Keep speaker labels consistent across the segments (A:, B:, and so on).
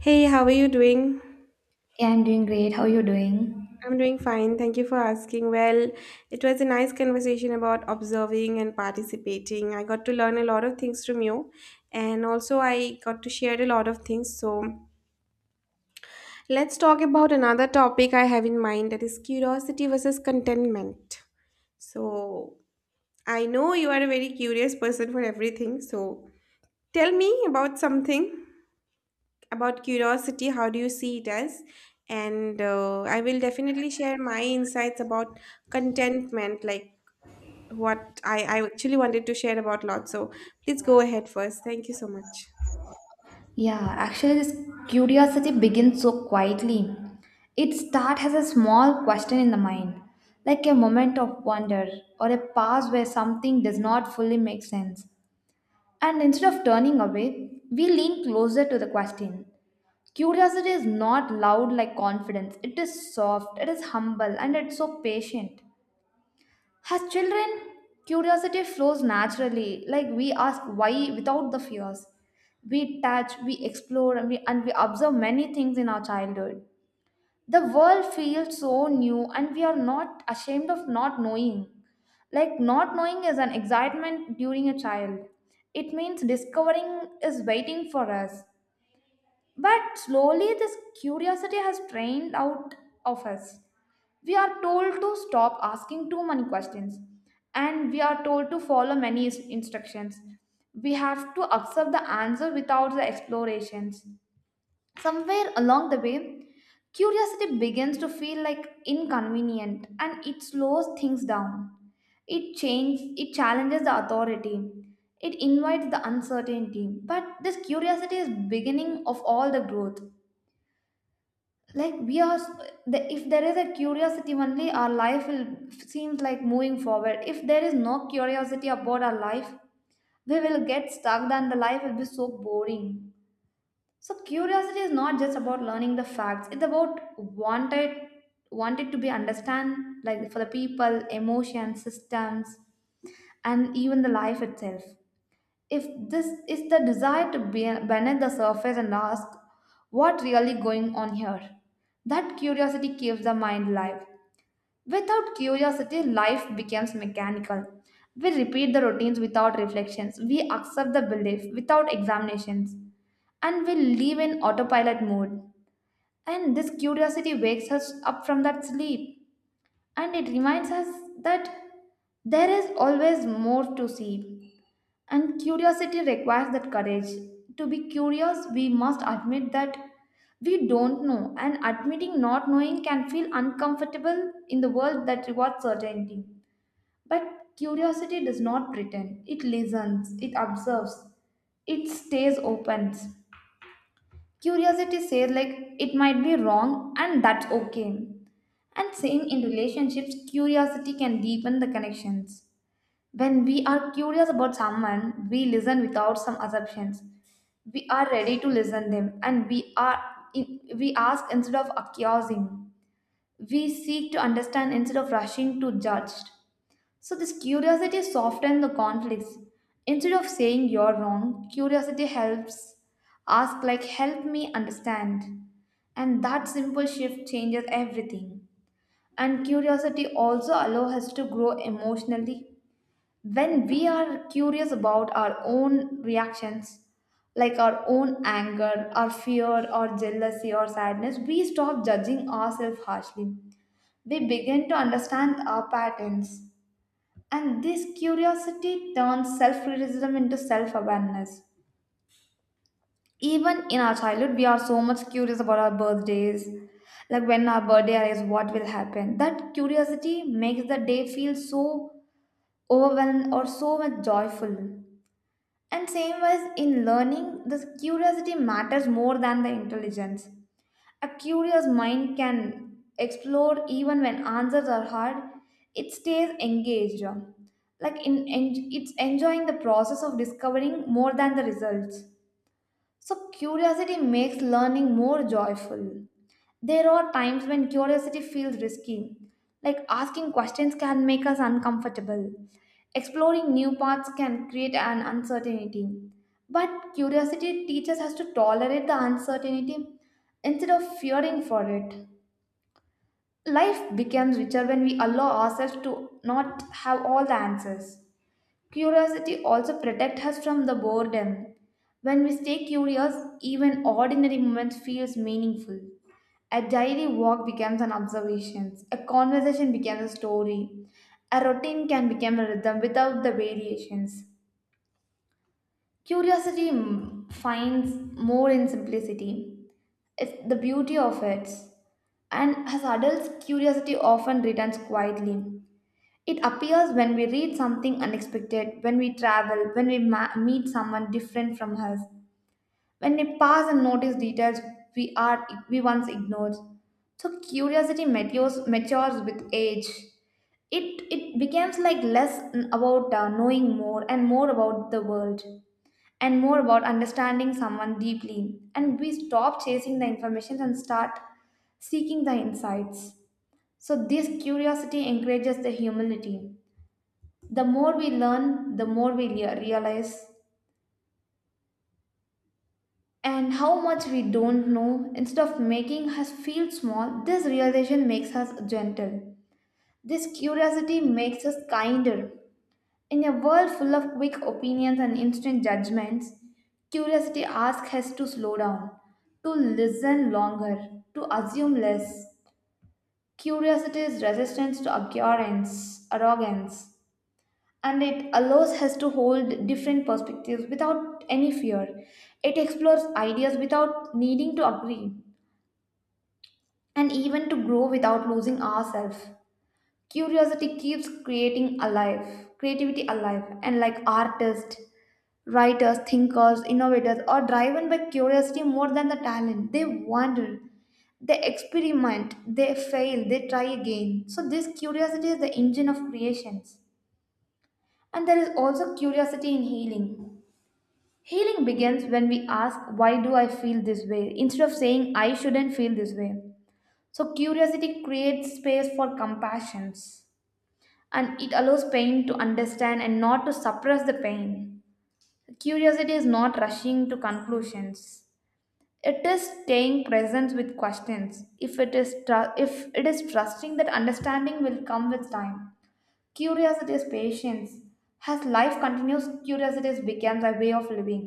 A: Hey, how are you doing?
B: Yeah, I'm doing great. How are you doing?
A: I'm doing fine. Thank you for asking. Well, it was a nice conversation about observing and participating. I got to learn a lot of things from you, and also I got to share a lot of things. So, let's talk about another topic I have in mind, that is curiosity versus contentment. So, I know you are a very curious person for everything. So, tell me about something, about curiosity, how do you see it as, and I will definitely share my insights about contentment, like what I actually wanted to share about lot. So please go ahead first, thank you so much.
B: Yeah, actually, this curiosity begins so quietly. It starts as a small question in the mind, like a moment of wonder or a pause where something does not fully make sense. And instead of turning away, we lean closer to the question. Curiosity is not loud like confidence. It is soft, it is humble, and it's so patient. As children, curiosity flows naturally, like we ask why without the fears. We touch, we explore, and we observe many things in our childhood. The world feels so new, and we are not ashamed of not knowing. Like, not knowing is an excitement during a child. It means discovering is waiting for us. But slowly, this curiosity has trained out of us. We are told to stop asking too many questions, and we are told to follow many instructions. We have to accept the answer without the explorations. Somewhere along the way, curiosity begins to feel like inconvenient and it slows things down. It changes, it challenges the authority. It invites the uncertainty. But this curiosity is beginning of all the growth, like we are s- the, if there is a curiosity only, our life will seems like moving forward. If there is no curiosity about our life, we will get stuck, then the life will be so boring. So curiosity is not just about learning the facts, it's about wanted to be understand, like for the people, emotions, systems, and even the life itself. If this is the desire to be beneath the surface and ask what really going on here, that curiosity keeps the mind alive. Without curiosity, life becomes mechanical. We repeat the routines without reflections, we accept the belief without examinations, and we live in autopilot mode. And this curiosity wakes us up from that sleep, and it reminds us that there is always more to see. And curiosity requires that courage. To be curious, we must admit that we don't know, and admitting not knowing can feel uncomfortable in the world that rewards certainty. But curiosity does not pretend, it listens, it observes, it stays open. Curiosity says, like, it might be wrong, and that's okay. And same in relationships, curiosity can deepen the connections. When we are curious about someone, we listen without some assumptions. We are ready to listen them, and we are, we ask instead of accusing. We seek to understand instead of rushing to judge. So this curiosity softens the conflicts. Instead of saying you're wrong, curiosity helps. Ask like help me understand. And that simple shift changes everything. And curiosity also allows us to grow emotionally when we are curious about our own reactions, like our own anger, our fear, or jealousy, or sadness, we stop judging ourselves harshly. We begin to understand our patterns. And this curiosity turns self criticism into self awareness. Even in our childhood, we are so much curious about our birthdays. Like when our birthday arrives, what will happen? That curiosity makes the day feel so overwhelmed or so much joyful. And same was in learning, the curiosity matters more than the intelligence. A curious mind can explore even when answers are hard. It stays engaged, like it's enjoying the process of discovering more than the results. So, curiosity makes learning more joyful. There are times when curiosity feels risky, like asking questions can make us uncomfortable. Exploring new paths can create an uncertainty. But curiosity teaches us to tolerate the uncertainty instead of fearing for it. Life becomes richer when we allow ourselves to not have all the answers. Curiosity also protects us from the boredom. When we stay curious, even ordinary moments feels meaningful. A daily walk becomes an observation. A conversation becomes a story. A routine can become a rhythm without the variations. Curiosity finds more in simplicity. It's the beauty of it. And as adults, curiosity often returns quietly. It appears when we read something unexpected, when we travel, when we meet someone different from us, when we pass and notice details we once ignored. So curiosity matures, matures with age. It becomes like less about knowing more and more about the world, and more about understanding someone deeply. And we stop chasing the information and start seeking the insights. So this curiosity encourages the humility. The more we learn, the more we realize and how much we don't know. Instead of making us feel small, this realization makes us gentle. This curiosity makes us kinder. In a world full of quick opinions and instant judgments, curiosity asks us to slow down, to listen longer, to assume less. Curiosity is resistance to arrogance. And it allows us to hold different perspectives without any fear. It explores ideas without needing to agree, and even to grow without losing ourselves. Curiosity keeps creativity alive, and like artists, writers, thinkers, innovators are driven by curiosity more than the talent. They wonder, they experiment, they fail, they try again. So, this curiosity is the engine of creations. And there is also curiosity in healing. Healing begins when we ask, why do I feel this way, instead of saying, I shouldn't feel this way. So, curiosity creates space for compassion, and it allows pain to understand and not to suppress the pain. Curiosity is not rushing to conclusions. It is staying present with questions. If it is trusting that understanding will come with time. Curiosity is patience. As life continues, curiosity becomes a way of living.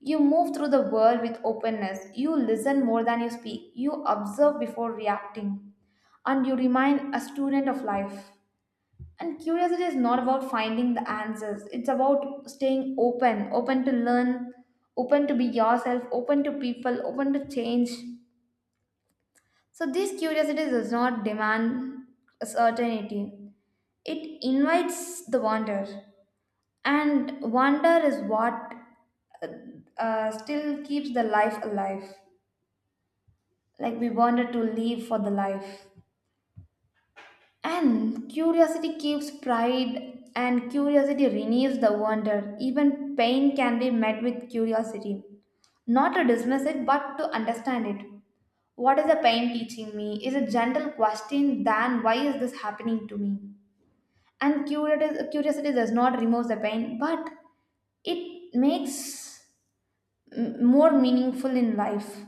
B: You move through the world with openness. You listen more than you speak. You observe before reacting. And you remain a student of life. And curiosity is not about finding the answers, it's about staying open, open to learn, open to be yourself, open to people, open to change. So, this curiosity does not demand a certainty, it invites the wonder. And wonder is what still keeps the life alive. Like we wanted to live for the life. And curiosity keeps pride, and curiosity renews the wonder. Even pain can be met with curiosity. Not to dismiss it, but to understand it. What is the pain teaching me is a gentle question than why is this happening to me? And curiosity does not remove the pain, but it makes more meaningful in life.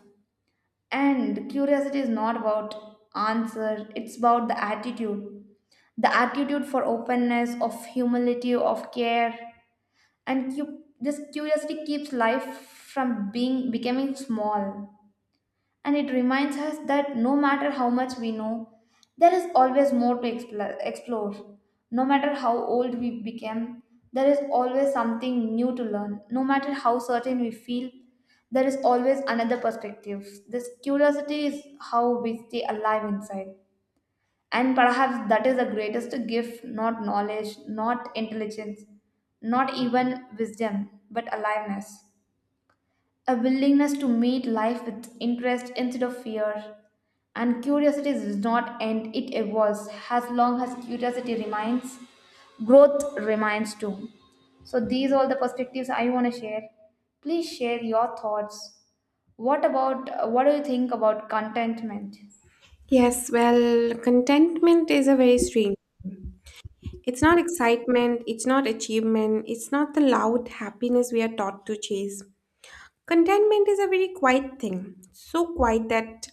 B: And curiosity is not about answer, it's about the attitude. The attitude for openness, of humility, of care. And you, this curiosity keeps life from being becoming small, and it reminds us that no matter how much we know, there is always more to explore. No matter how old we become, there is always something new to learn. No matter how certain we feel, there is always another perspective. This curiosity is how we stay alive inside. And perhaps that is the greatest gift, not knowledge, not intelligence, not even wisdom, but aliveness. A willingness to meet life with interest instead of fear. And curiosity does not end, it evolves. As long as curiosity remains, growth remains too. So, these are all the perspectives I want to share. Please share your thoughts. What do you think about contentment?
A: Yes, well, contentment is a very strange, it's not excitement, it's not achievement, it's not the loud happiness we are taught to chase. Contentment is a very quiet thing, so quiet that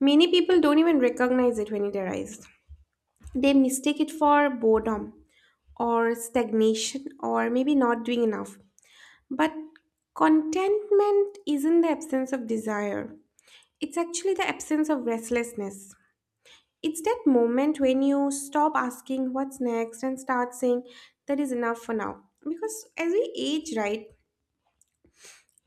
A: many people don't even recognize it when it arrives. They mistake it for boredom or stagnation or maybe not doing enough. But contentment isn't the absence of desire, it's actually the absence of restlessness. It's that moment when you stop asking what's next and start saying that is enough for now. Because as we age, right?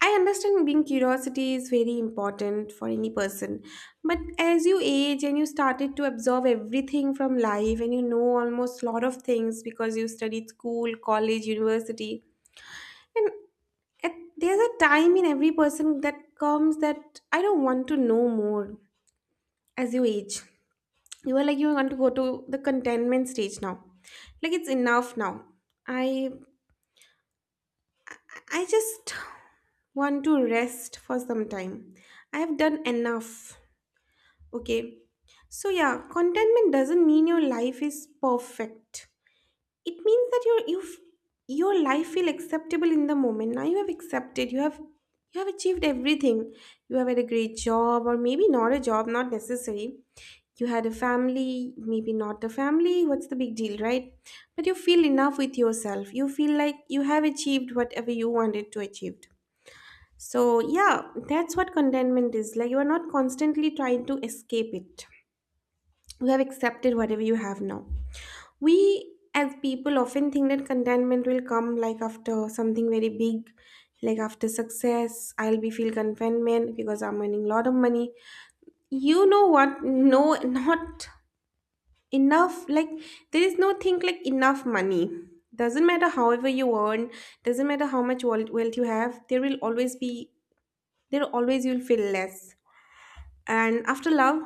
A: I understand being curiosity is very important for any person. But as you age and you started to absorb everything from life and you know almost lot of things because you studied school, college, university. And at, there's a time in every person that comes that I don't want to know more as you age. You are like, you want to go to the contentment stage now. Like, it's enough now. I, I just want to rest for some time. I have done enough. Okay. So, yeah, contentment doesn't mean your life is perfect. It means that your you your life feel acceptable in the moment. Now you have accepted, you have, you have achieved everything. You have had a great job or maybe not a job, not necessary. You had a family, maybe not a family, what's the big deal, right? But you feel enough with yourself, you feel like you have achieved whatever you wanted to achieve. So yeah, that's what contentment is, like you are not constantly trying to escape it. You have accepted whatever you have now. We as people often think that contentment will come like after something very big, like after success I'll be feel contentment because I'm earning a lot of money. You know what? No, not enough. Like, there is no thing like enough money. Doesn't matter however you earn, doesn't matter how much wealth you have, there will always be, there always you'll feel less. And after love,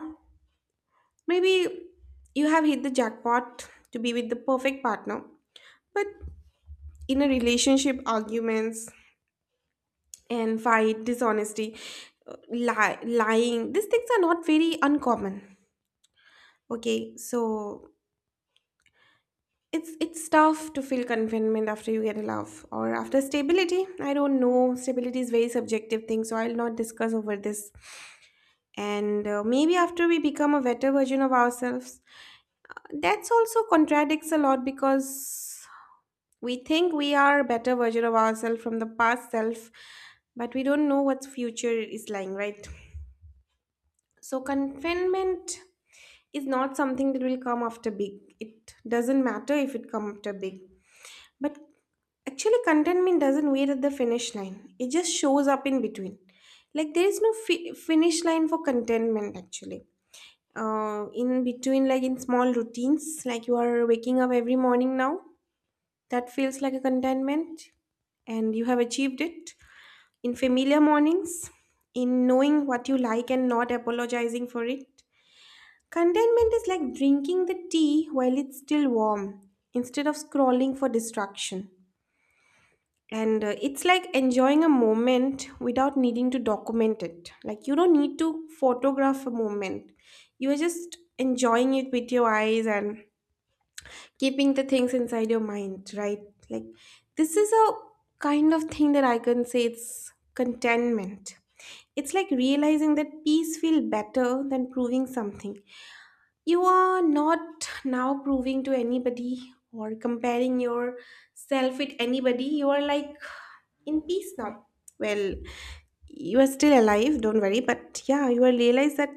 A: maybe you have hit the jackpot to be with the perfect partner, but in a relationship, arguments and fight, dishonesty, lying, these things are not very uncommon. Okay, so it's tough to feel contentment after you get a love or after stability. I don't know, stability is very subjective thing, so I'll not discuss over this. And maybe after we become a better version of ourselves, that's also contradicts a lot because we think we are a better version of ourselves from the past self, but we don't know what future is lying, right? So confinement is not something that will come after big. It doesn't matter if it comes after big. But actually contentment doesn't wait at the finish line. It just shows up in between. Like there is no finish line for contentment actually. In between, like in small routines, like you are waking up every morning now. That feels like a contentment, and you have achieved it. In familiar mornings, in knowing what you like and not apologizing for it. Contentment is like drinking the tea while it's still warm, instead of scrolling for distraction. And It's like enjoying a moment without needing to document it. Like, you don't need to photograph a moment, you are just enjoying it with your eyes and keeping the things inside your mind, right? Like, this is a kind of thing that I can say it's contentment. It's like realizing that peace feels better than proving something. You are not now proving to anybody or comparing yourself with anybody, you are like in peace now. Well, you are still alive, don't worry, but yeah, you will realize that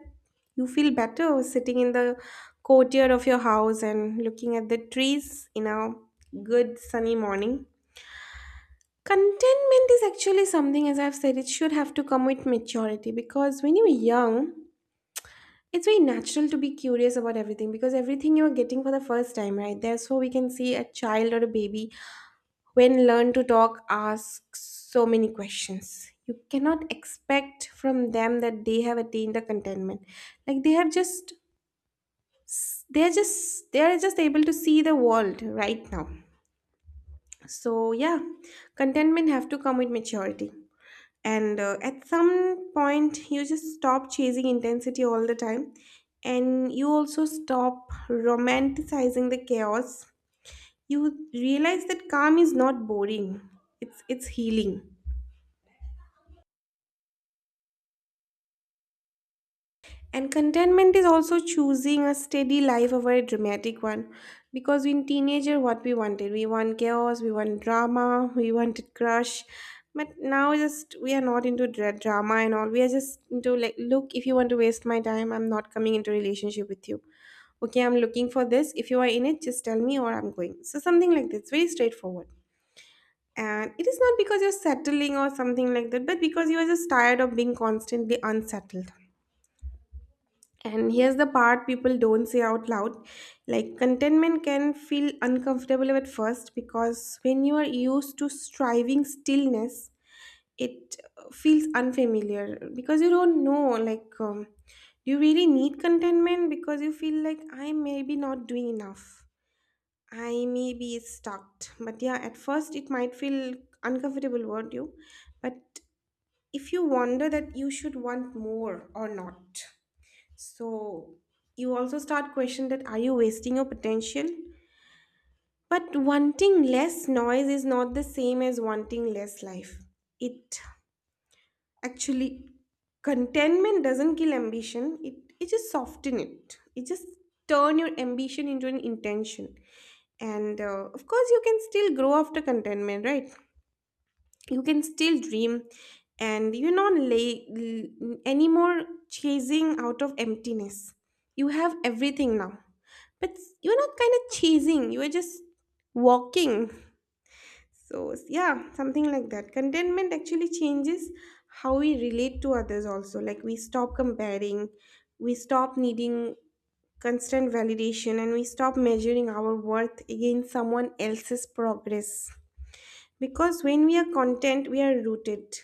A: you feel better sitting in the courtyard of your house and looking at the trees in a good sunny morning. Contentment is actually something, as I've said, it should have to come with maturity, because when you're young, it's very natural to be curious about everything because everything you're getting for the first time, right? There, so we can see a child or a baby when learn to talk asks so many questions, you cannot expect from them that they have attained the contentment. Like they have just, they're just able to see the world right now. So yeah, contentment have to come with maturity. And at some point you just stop chasing intensity all the time and you also stop romanticizing the chaos. You realize that calm is not boring, it's healing. And contentment is also choosing a steady life over a dramatic one. Because in teenager, what we wanted, we want chaos, we want drama, we wanted crush. But now, just we are not into drama and all. We are just into like, look, if you want to waste my time, I'm not coming into relationship with you. Okay, I'm looking for this. If you are in it, just tell me or I'm going. So something like this, very straightforward. And it is not because you're settling or something like that, but because you are just tired of being constantly unsettled. And here's the part people don't say out loud. Like, contentment can feel uncomfortable at first, because when you are used to striving stillness, it feels unfamiliar because you don't know, like, do you really need contentment? Because you feel like I may be not doing enough. I may be stuck. But yeah, at first it might feel uncomfortable, won't you? But if you wonder that you should want more or not, so you also start questioning that are you wasting your potential? But wanting less noise is not the same as wanting less life. It actually, contentment doesn't kill ambition. It just soften it. It just turn your ambition into an intention. And of course, you can still grow after contentment, right? You can still dream and you know anymore chasing out of emptiness. You have everything now, but you're not kind of chasing, you are just walking. So yeah, something like that. Contentment actually changes how we relate to others also, like we stop comparing, we stop needing constant validation, and we stop measuring our worth against someone else's progress. Because when we are content, we are rooted,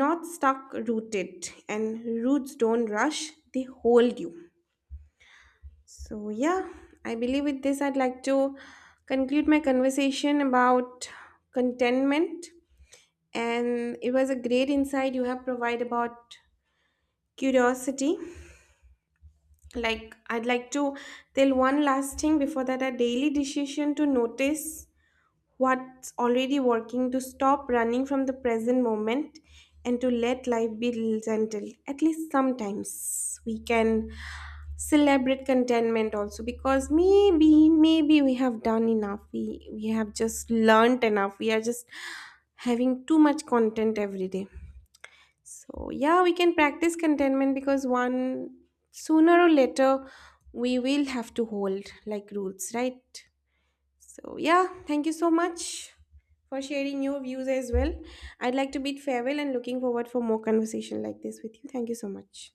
A: not stuck, rooted, and roots don't rush, they hold you. So yeah, I believe with this I'd like to conclude my conversation about contentment. And it was a great insight you have provided about curiosity. Like I'd like to tell one last thing before that, a daily decision to notice what's already working, to stop running from the present moment, and to let life be gentle. At least sometimes we can celebrate contentment also, because maybe, maybe we have done enough, we have just learned enough, we are just having too much content every day. So yeah, we can practice contentment because one, sooner or later, we will have to hold like rules, right? So, yeah, thank you so much for sharing your views as well. I'd like to bid farewell and looking forward for more conversation like this with you. Thank you so much.